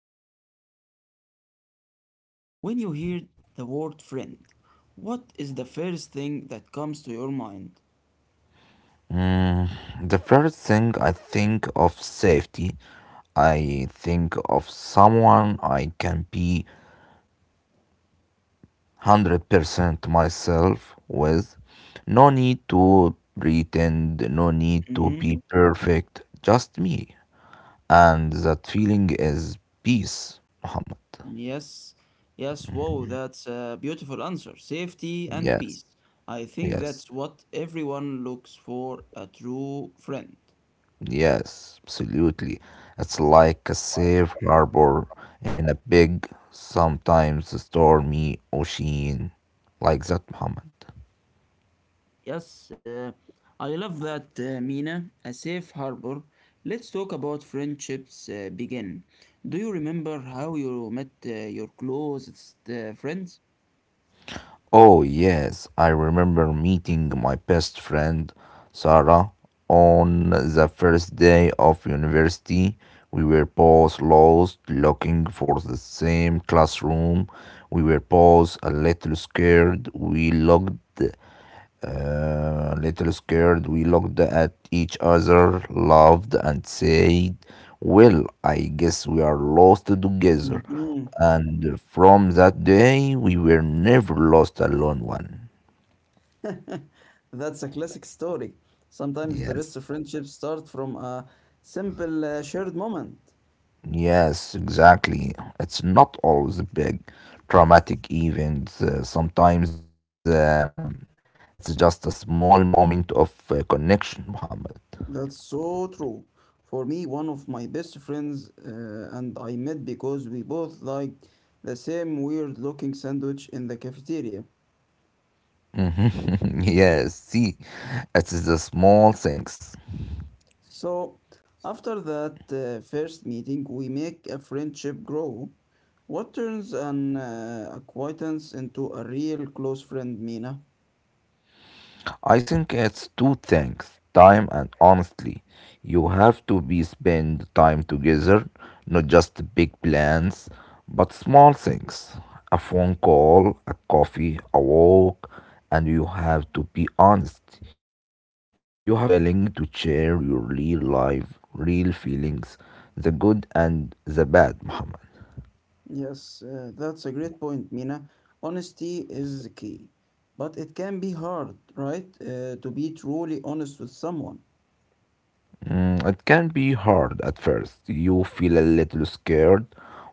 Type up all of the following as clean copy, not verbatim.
Let's start with a simple question. When you hear the word friend, what is the first thing that comes to your mind? The first thing, I think of safety. I think of someone I can be 100% myself with. No need to pretend, no need to Mm-hmm. be perfect. Just me. And that feeling is peace, Muhammad. Yes. Yes. Whoa, that's a beautiful answer. Safety and Yes, peace. I think yes. that's what everyone looks for a true friend. Yes, absolutely. It's like a safe harbor in a big, sometimes stormy ocean. Like that, Muhammad. Yes, I love that, Mina. A safe harbor. Let's talk about friendships begin. Do you remember how you met your closest friends? Oh, yes, I remember meeting my best friend, Sarah, on the first day of university. We were both lost, looking for the same classroom. We were both a little scared. We looked at each other, laughed, and said, "Well, I guess we are lost together." Mhm. And from that day, we were never lost alone one. That's a classic story. Sometimes the best Yes. friendships start from a simple shared moment. Yes, exactly. It's not always big traumatic events. Sometimes it's just a small moment of connection, Muhammad. That's so true. For me, one of my best friends and I met because we both liked the same weird looking sandwich in the cafeteria. Mhm. Yes, see, it's the small things. So after that first meeting, we make a friendship grow. What turns an acquaintance into a real close friend, Mina? I think it's two things, time and honestly. You have to be spend time together, not just big plans, but small things. A phone call, a coffee, a walk, and you have to be honest. You have to be willing to share your real life, real feelings, the good and the bad, Muhammad. Yes, that's a great point, Mina. Honesty is the key. But it can be hard, right? To be truly honest with someone. Mm, it can be hard at first. You feel a little scared.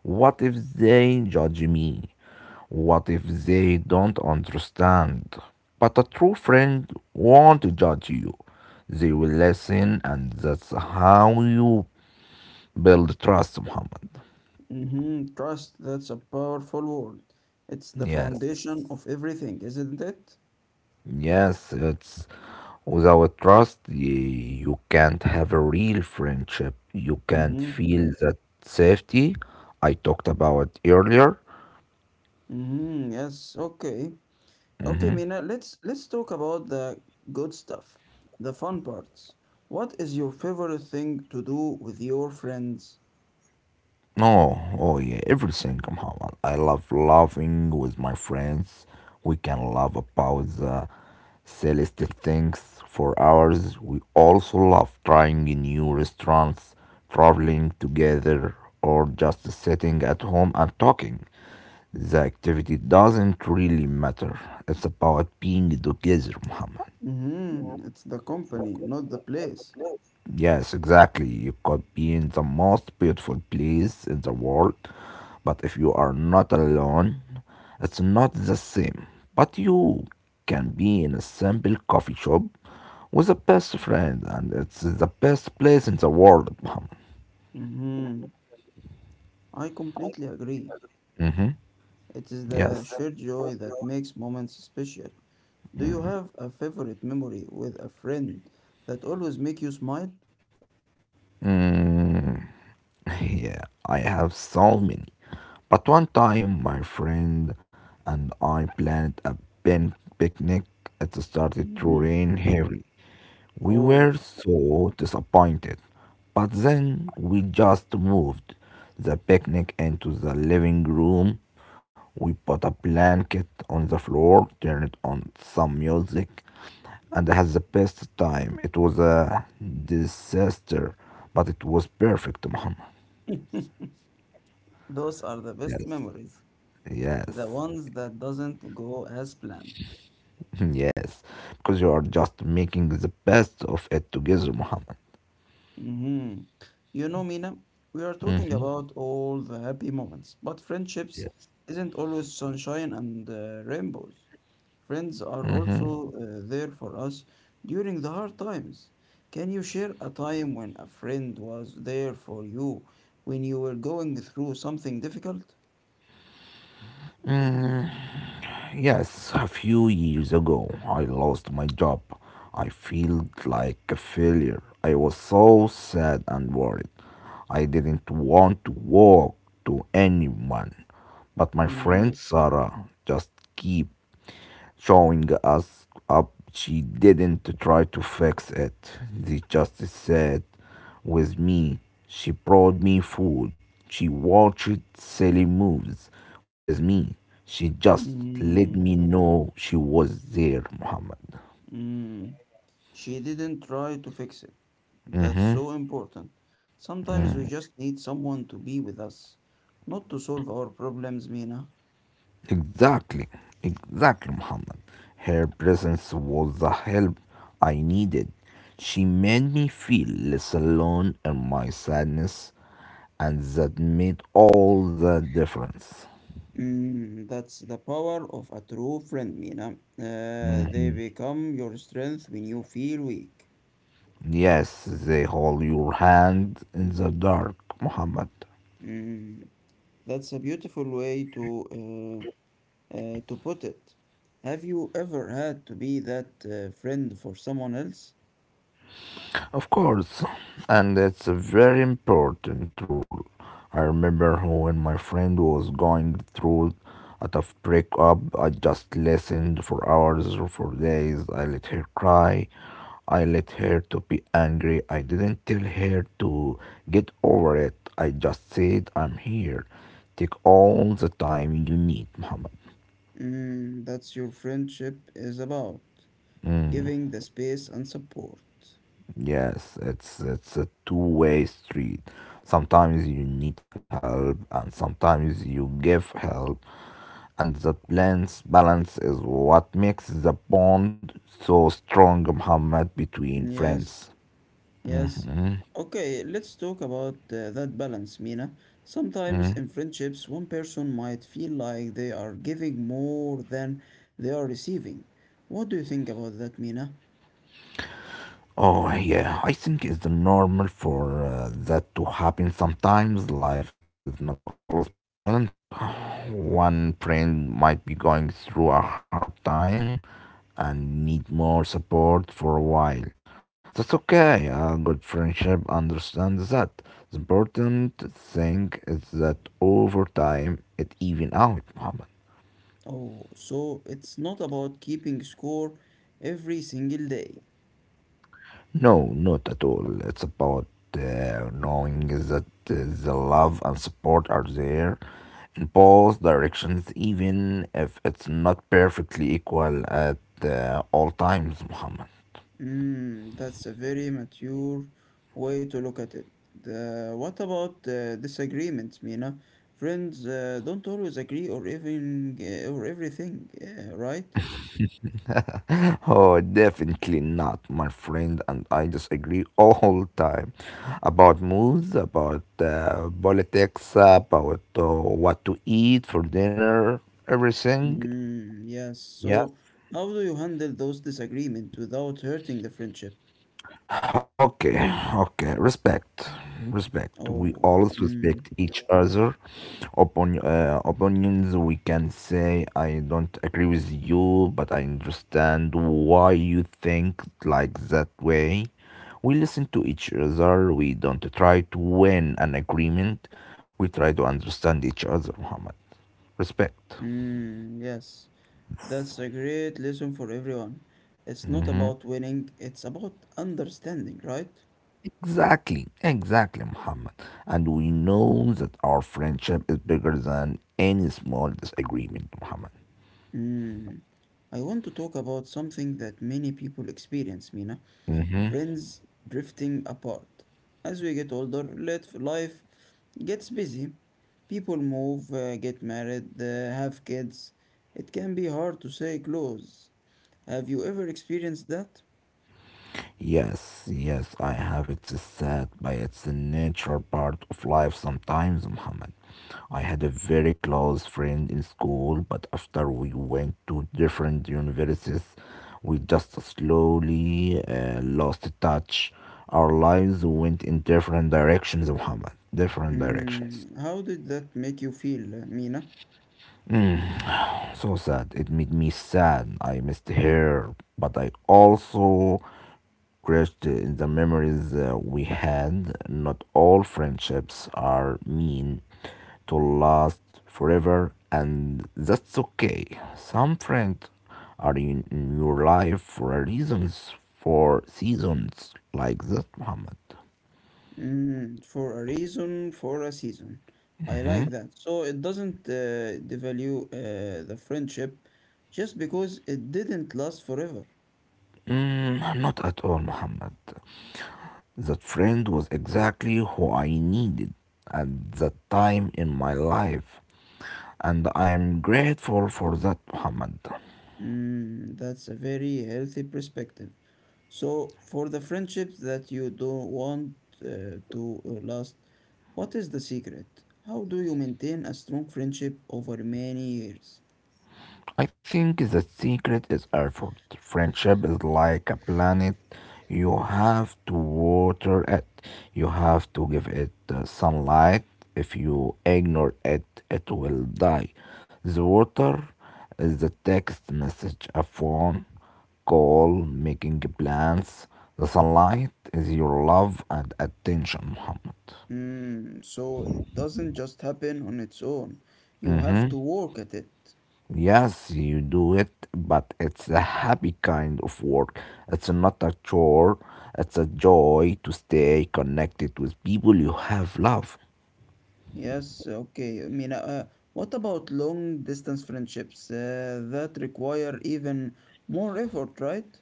What if they judge me? What if they don't understand? But a true friend won't judge you. They will listen, and that's how you build trust, Muhammad. Trust, that's a powerful word. It's the Yes, foundation of everything, isn't it? yes, it's without trust, you can't have a real friendship. You can't Mm-hmm. feel that safety I talked about earlier. Mm-hmm. Yes, okay. Okay, Mm-hmm. Mina, let's talk about the good stuff, the fun parts. What is your favorite thing to do with your friends? Oh, oh yeah, everything. Come on, I love laughing with my friends. We can laugh about the silliest things for hours. We also love trying new restaurants, traveling together, or just sitting at home and talking. The activity doesn't really matter. It's about being together, Muhammad. Mm-hmm. It's the company, not the place. Yes, exactly. You could be in the most beautiful place in the world, but if you are not alone, it's not the same. But you can be in a simple coffee shop with a best friend, and it's the best place in the world, Muhammad. Mm-hmm. I completely agree. Mm-hmm. It is the Yes. shared joy that makes moments special. Do you have a favorite memory with a friend that always make you smile? Mm, yeah, I have so many. But one time, my friend and I planned a pen picnic. It started to Mm-hmm. rain heavily. We were Oh, so disappointed, but then we just moved the picnic into the living room. We put a blanket on the floor, turned on some music, and had the best time. It was a disaster, but it was perfect, Muhammad. those are the best Yes, memories, the yes, ones that doesn't go as planned. yes, because you are just making the best of it together, Muhammad. hmm You know, Mina, we are talking about all the happy moments, but friendships Yes. isn't always sunshine and rainbows. Friends are also there for us during the hard times. Can you share a time when a friend was there for you when you were going through something difficult? Mm. Yes, a few years ago, I lost my job. I felt like a failure. I was so sad and worried. I didn't want to walk to anyone. But my friend Mm, Sarah just keep showing us up. She didn't try to fix it. They just sat with me. She brought me food. She watched silly moves with me. She just let me mm, know she was there, Muhammad. mm. She didn't try to fix it. That's so important. Sometimes we just need someone to be with us, not to solve our problems, Mina. Exactly, exactly, Muhammad. Her presence was the help I needed. She made me feel less alone in my sadness, and that made all the difference. That's the power of a true friend, Mina. Mhm. They become your strength when you feel weak. Yes, they hold your hand in the dark, Muhammad. Mm, that's a beautiful way to put it. Have you ever had to be that friend for someone else? Of course, and that's a very important rule. I remember when my friend was going through a tough breakup, I just listened for hours or for days. I let her cry. I let her to be angry. I didn't tell her to get over it. I just said, "I'm here. Take all the time you need," Muhammad. That's your friendship is about. Mm. Giving the space and support. Yes, it's a two-way street. Sometimes you need help and sometimes you give help, and that balance is what makes the bond so strong, Muhammad, between Yes, friends. yes. Mhm, Okay, let's talk about that balance, Mina. Sometimes mm. in friendships, one person might feel like they are giving more than they are receiving. What do you think about that, Mina? Oh, yeah, I think it's the normal for that to happen sometimes. Life is not always balanced. One friend might be going through a hard time and need more support for a while. That's okay, a good friendship understands that. The important thing is that over time it even out, Muhammad. Oh, so it's not about keeping score every single day. No, not at all. It's about knowing that the love and support are there in both directions, even if it's not perfectly equal at all times, Muhammad. That's a very mature way to look at it. What about disagreements, Mina? Friends don't always agree or even or everything, right? Oh, definitely not, my friend, and I disagree all time about moods, about politics, about what to eat for dinner, everything. Mm, yes. Yes. So, how do you handle those disagreements without hurting the friendship? Okay, okay. Respect, respect. We Oh, always mm, respect each other. Upon opinions, we can say I don't agree with you, but I understand why you think like that way. We listen to each other. We don't try to win an agreement. We try to understand each other, Muhammad. Respect. mm, yes. That's a great lesson for everyone. It's not about winning, it's about understanding, right? Exactly, exactly, Muhammad. And we know that our friendship is bigger than any small disagreement, Muhammad. Mm. I want to talk about something that many people experience, Mina. Mhm. Friends drifting apart. As we get older, let life gets busy. People move, get married, have kids. It can be hard to stay close. Have you ever experienced that? Yes, yes, I have it sad, but it's the natural part of life sometimes, Muhammad. I had a very close friend in school, but after we went to different universities, we just slowly lost touch. Our lives went in different directions, Muhammad. Different directions. Mm. How did that make you feel, Mina? So sad. It made me sad. I missed her, but I also crashed in the memories we had. Not all friendships are mean to last forever, and that's okay. Some friends are in your life for reasons, for seasons like that, Muhammad. For a reason, for a season. I like that. So it doesn't devalue the friendship just because it didn't last forever. Mm, not at all, Muhammad. That friend was exactly who I needed at that time in my life, and I am grateful for that, Muhammad. That's a very healthy perspective. So for the friendships that you don't want to last, what is the secret? How do you maintain a strong friendship over many years? I think the secret is effort. Friendship is like a planet. You have to water it, you have to give it sunlight. If you ignore it, it will die. The water is the text message, a phone call, making plans. The sunlight is your love and attention, Muhammad. So it doesn't just happen on its own. You have Mm-hmm. to work at it. Yes, you do it, but it's a happy kind of work. It's not a chore. It's a joy to stay connected with people you have loved. Yes, okay. I mean, what about long distance friendships that require even more effort, right?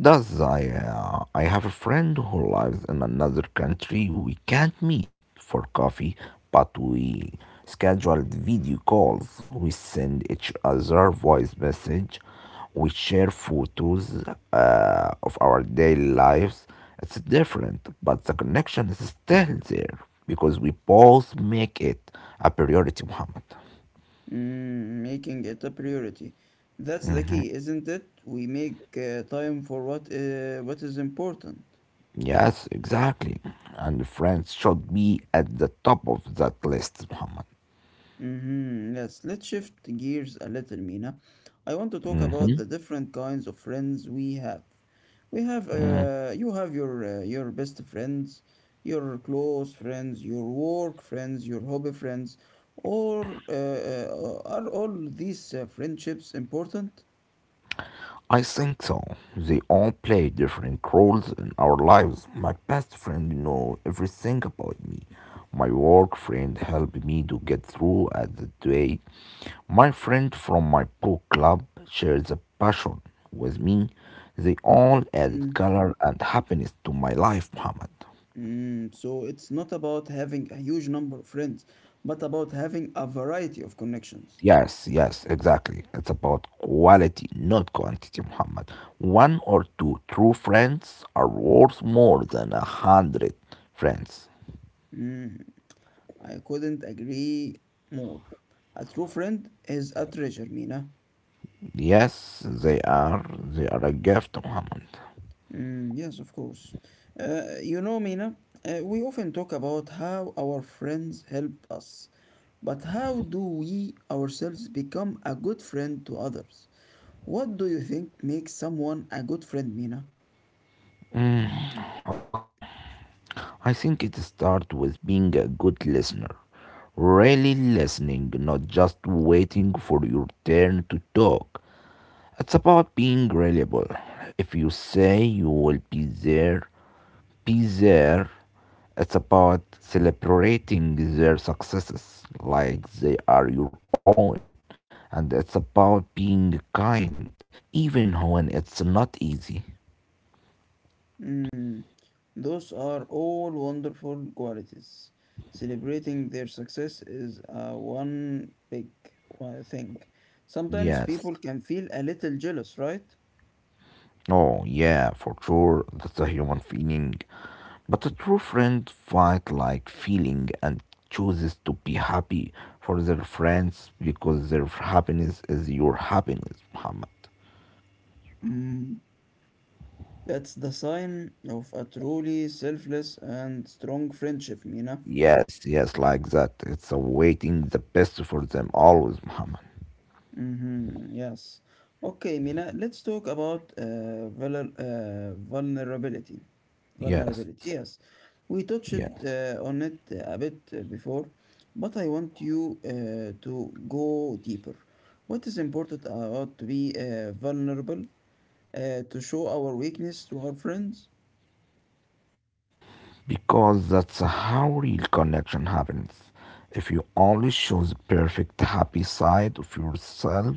Does I have a friend who lives in another country. We can't meet for coffee, but we scheduled video calls. We send each other voice message. We share photos of our daily lives. It's different, but the connection is still there because we both make it a priority, Muhammad. Making it a priority. That's the key, isn't it? We make time for what is important. Yes, exactly. And friends should be at the top of that list, Muhammad. Mm-hmm. Yes, let's shift gears a little, Mina. I want to talk about the different kinds of friends we have. You have your your best friends, your close friends, your work friends, your hobby friends, or are all these friendships important? I think so. They all play different roles in our lives. My best friend know everything about me. My work friend helped me to get through at the day. My friend from my book club shares a passion with me. They all added Mm. color and happiness to my life, Muhammad. So it's not about having a huge number of friends, but about having a variety of connections. Yes, yes, exactly. It's about quality, not quantity, Muhammad. One or two true friends are worth more than 100 friends. Hmm. I couldn't agree more. A true friend is a treasure, Mina. Yes, they are. They are a gift, Muhammad. Mm, yes, of course. You know, Mina, we often talk about how our friends help us, but how do we ourselves become a good friend to others? What do you think makes someone a good friend, Mina? Okay, I think it starts with being a good listener. Really listening, not just waiting for your turn to talk. It's about being reliable. If you say you will be there, be there. It's about celebrating their successes like they are your own. And it's about being kind, even when it's not easy. Mm, those are all wonderful qualities. Celebrating their success is one big thing. Sometimes Yes. people can feel a little jealous, right? Oh, yeah, for sure. That's a human feeling. But a true friend fight like feeling and chooses to be happy for their friends because their happiness is your happiness, Muhammad. Mm, that's the sign of a truly selfless and strong friendship, Mina. Yes, yes, like that. It's awaiting the best for them always, Muhammad. Mm-hmm, yes. Okay, Mina, let's talk about vulnerability. Vulnerability, Yes, yes. We touched yes. On it a bit before, but I want you to go deeper. What is important about to be vulnerable, to show our weakness to our friends? Because that's how real connection happens. If you only show the perfect happy side of yourself,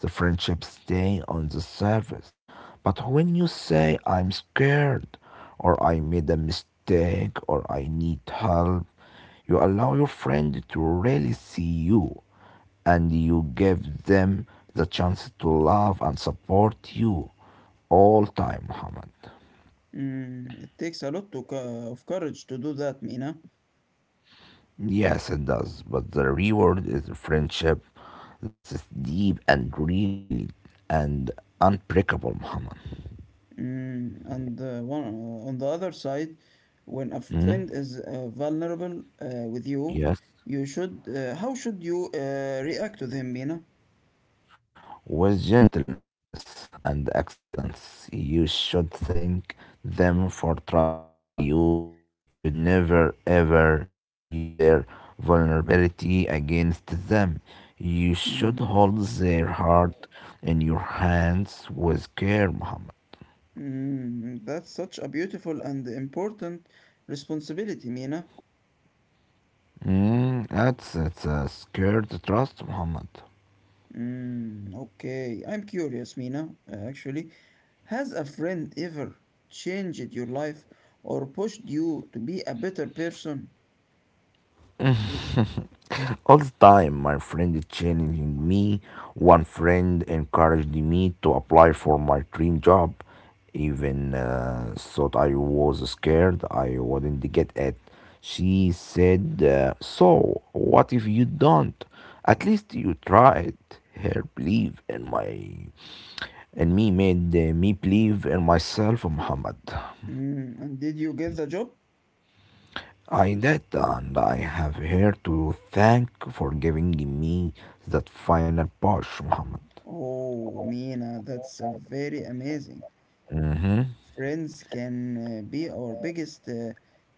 the friendships stay on the surface. But when you say, "I'm scared," or "I made a mistake," or "I need help," you allow your friend to really see you and you give them the chance to love and support you all time, Muhammad. It takes a lot to of courage to do that, Mina. Yes, it does. But the reward is a friendship that's deep and real and unbreakable, Muhammad. Mm, and one, on the other side, when a friend Mm? is vulnerable with you, Yes. you should. How should you react to them, Mina? With gentleness and acceptance, you should thank them for trusting you. You should never ever use their vulnerability against them. You should Mm. hold their heart in your hands with care, Muhammad. That's such a beautiful and important responsibility, Mina. Mm, that's a scared trust, Muhammad. Okay, I'm curious, Mina, actually. Has a friend ever changed your life or pushed you to be a better person? All the time, my friend is challenging me. One friend encouraged me to apply for my dream job. Even thought I was scared I wouldn't get it. She said, "So, what if you don't? At least you tried." Her belief in my and me made me believe in myself, Muhammad. And did you get the job? I did, and I have here to thank for giving me that final push, Muhammad. Oh, Mina, that's a very amazing. Mm-hmm. Friends can be our biggest uh,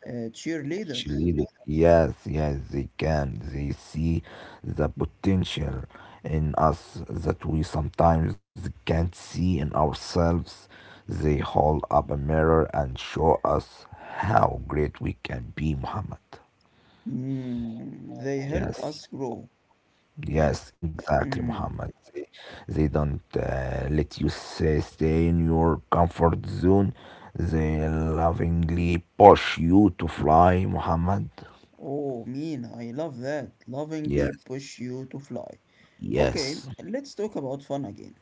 uh, cheerleaders. Cheerleaders, yes, yes, they can. They see the potential in us that we sometimes can't see in ourselves. They hold up a mirror and show us how great we can be, Muhammad. They help us Yes. grow. Ex- Yes, exactly, mm, Muhammad. They don't let you stay in your comfort zone. They lovingly push you to fly, Muhammad. Oh, mean, I love that. Lovingly Yes, push you to fly. Okay, yes, let's talk about fun again.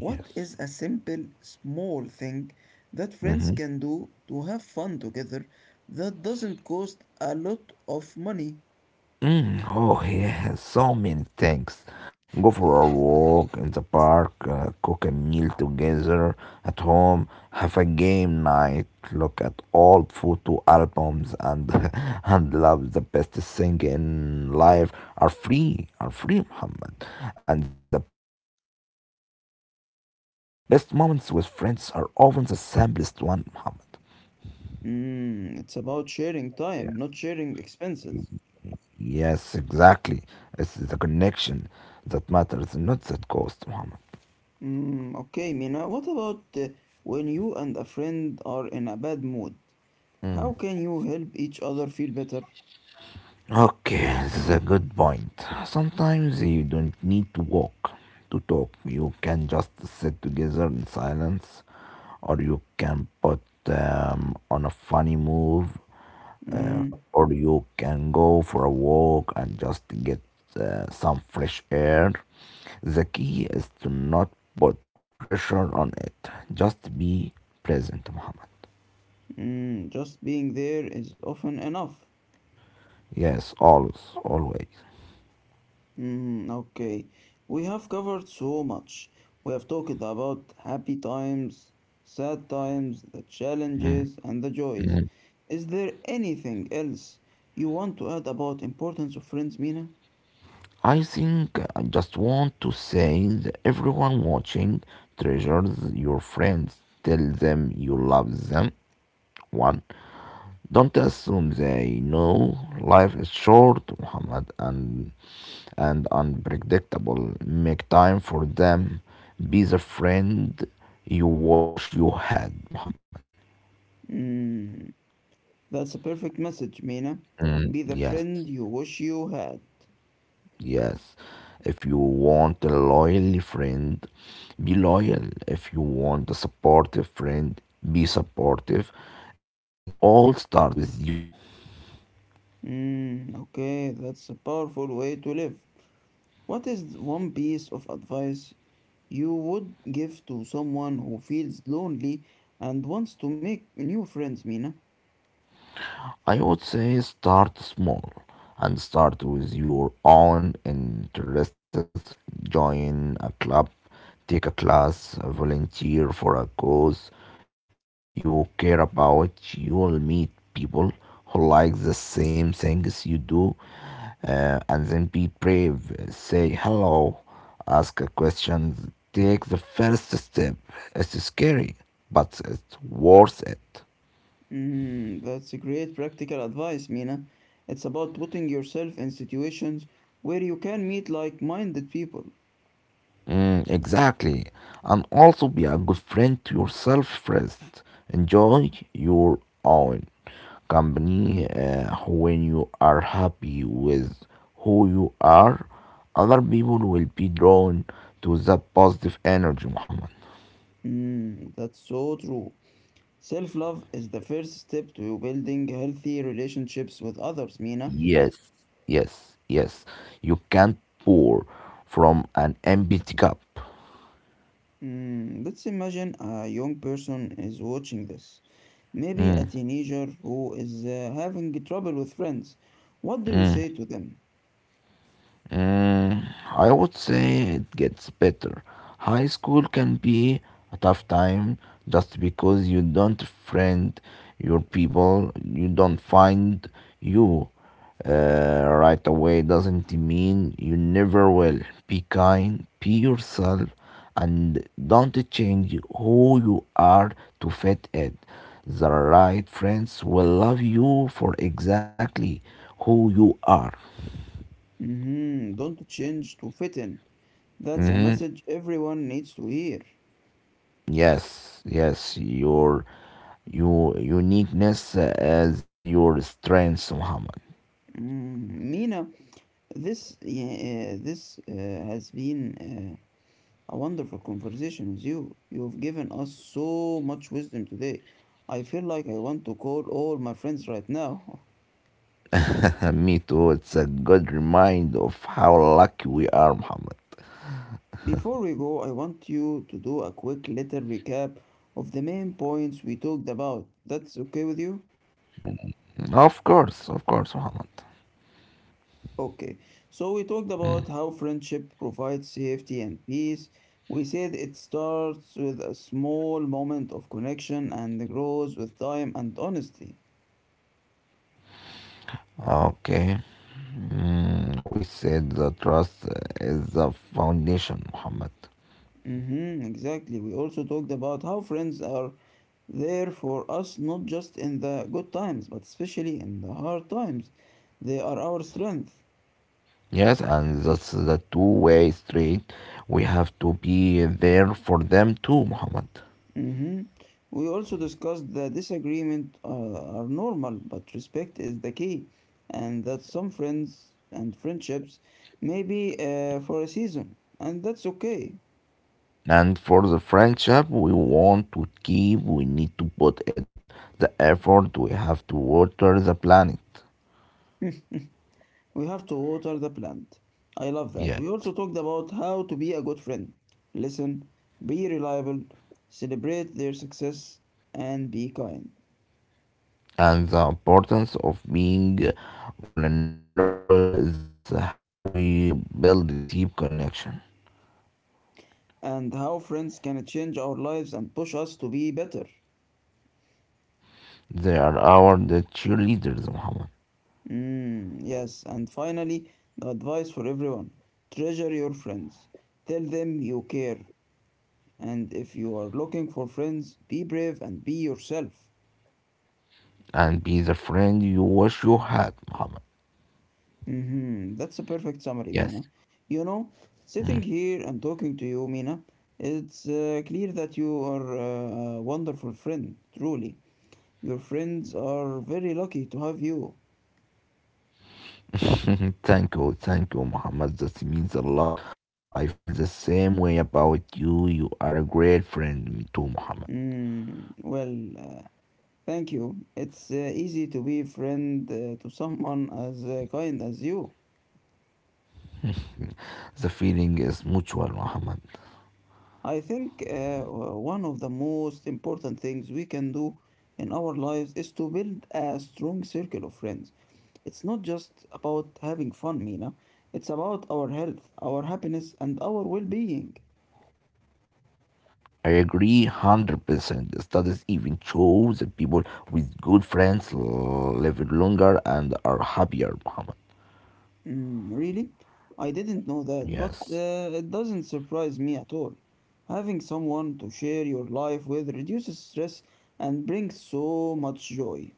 What yes. is a simple, small thing that friends Mhm. can do to have fun together that doesn't cost a lot of money? Oh, yeah, so many things. Go for a walk in the park, cook a meal together at home, have a game night, look at old photo albums, and and love the best thing in life are free, Muhammad. And the best moments with friends are often the simplest one, Muhammad. It's about sharing Yes, time, not sharing expenses. yes, exactly. It's the connection that matters, not that cost, Muhammad. Okay, Mina, what about when you and a friend are in a bad mood? How can you help each other feel better? Okay, this is a good point. Sometimes you don't need to walk to talk. You can just sit together in silence, or you can put on a funny move, Hmm, or you can go for a walk and just get some fresh air. The key is to not put pressure on it. Just be present, Muhammad. Just being there is often enough. Yes, always, always. Okay, we have covered so much. We have talked about happy times, sad times, the challenges, and the joys. Is there anything else you want to add about importance of friends, Mina? I think I just want to say that everyone watching treasures your friends. Tell them you love them. One, don't assume they know. Life is short, Muhammad, and unpredictable. Make time for them. Be the friend you wish you had, Muhammad. Mm, that's a perfect message, Mina. Mm, Be the friend yes. you wish you had. Yes. If you want a loyal friend, be loyal. If you want a supportive friend, be supportive. It all starts with you. Okay, that's a powerful way to live. What is one piece of advice you would give to someone who feels lonely and wants to make new friends, Mina? I would say start small and start with your own interests. Join a club, take a class, volunteer for a cause you care about. You will meet people who like the same things you do. And then be brave. Say hello, ask a question, take the first step. It's scary, but it's worth it. That's a great practical advice, Mina. It's about putting yourself in situations where you can meet like minded people. Mm, exactly. And also be a good friend to yourself first. Enjoy your own company when you are happy with who you are. Other people will be drawn to that positive energy, Muhammad. That's so true. Self love is the first step to building healthy relationships with others, Mina. Yes, yes, yes. You can't pour from an empty cup. Let's imagine a young person is watching this. Maybe a teenager who is having trouble with friends. What do you say to them? Mm, I would say it gets better. High school can be a tough time just because you don't friend your people, you don't find you right away doesn't mean you never will. Be kind, be yourself, and don't change who you are to fit it. The right friends will love you for exactly who you are. Don't change to fit in. That's a Mhm. message everyone needs to hear. Yes, yes, your uniqueness as your strength, Muhammad. Mina, this has been a wonderful conversation with you. You've given us so much wisdom today. I feel like I want to call all my friends right now. Me too. It's a good reminder of how lucky we are, Muhammad. Before we go, I want you to do a quick little recap of the main points we talked about. That's okay with you? Mm, of course, of course, Muhammad. Okay. So we talked Mm, about how friendship provides safety and peace. We said it starts with a small moment of connection and grows with time and honesty. okay. Mm, we said the trust is the foundation, Muhammad. Mm-hmm, exactly. We also talked about how friends are there for us not just in the good times, but especially in the hard times. They are our strength. Yes, and that's the two-way street. We have to be there for them too, Muhammad. hmm We also discussed that disagreement are normal, but respect is the key, and that some friends and friendships may be for a season, and that's okay. And for the friendship we want to keep, we need to put in the effort. We have to water the planet. We have to water the plant. I love that. We Yes. also talked about how to be a good friend. Listen, be reliable, celebrate their success, and be kind. And the importance of being vulnerable, that's how we build a deep connection. And how friends can change our lives and push us to be better. They are our the cheerleaders, Muhammad. Yes, and finally, the advice for everyone treasure your friends. Tell them you care. And if you are looking for friends, be brave and be yourself. And be the friend you wish you had, Muhammad. That's a perfect summary, Yes. Mina. You know, Sitting here and talking to you, Mina, it's clear that you are a wonderful friend, truly. Your friends are very lucky to have you. Thank you, thank you, Muhammad. That means a lot. I feel the same way about you. You are a great friend, me too, Muhammad. Well, thank you. It's easy to be friend to someone as kind as you. The feeling is mutual, Muhammad. I think one of the most important things we can do in our lives is to build a strong circle of friends. It's not just about having fun, Mina. It's about our health, our happiness, and our well being. I agree 100%. The studies even show that people with good friends live longer and are happier, Muhammad. Mm, really? I didn't know that, but Yes. It doesn't surprise me at all. Having someone to share your life with reduces stress and brings so much joy.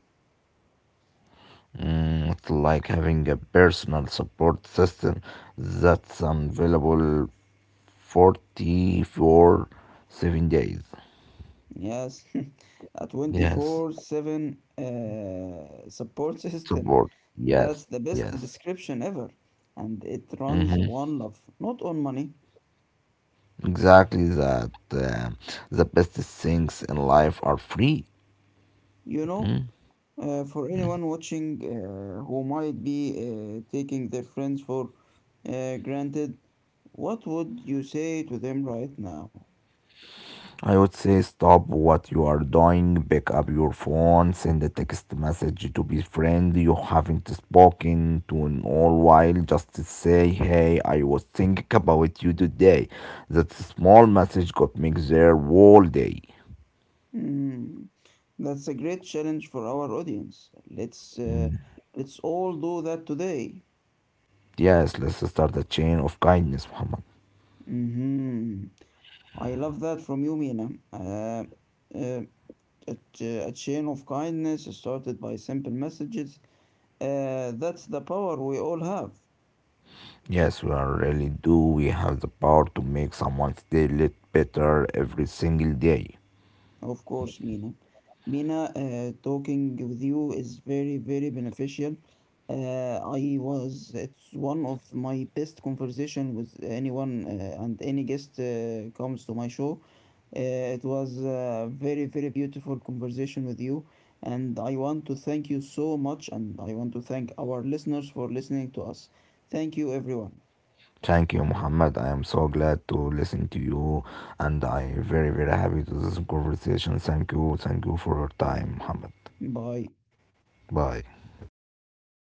Mm, it's like having a personal support system that's available 44 7 days. Yes, a Yes. 24/7 support system. Support. Yes. That's the best Yes. description ever. And it runs Hmm, one love, not on money. exactly that. The best things in life are free. You know, for anyone watching who might be taking their friends for granted, what would you say to them right now? I would say stop what you are doing, pick up your phone, send a text message to be friend you haven't spoken to in all while. Just to say, hey, I was thinking about you today. That small message could make their whole day. Hmm, that's a great challenge for our audience. Let's all do that today. Yes, let's start a chain of kindness, Muhammad. hmm I love that from you, Mina. Uh, a chain of kindness started by simple messages. That's the power we all have. Yes, we are really do. We have the power to make someone's day a little better every single day. Of course, Mina. Mina, talking with you is very, very beneficial. It's one of my best conversation with anyone and any guest comes to my show. Uh, it was a very, very beautiful conversation with you, and I want to thank you so much, and I want to thank our listeners for listening to us. Thank you, everyone. Thank you, Muhammad. I am so glad to listen to you, and I very very happy to this conversation. Thank you for your time, Muhammad. Bye. Bye.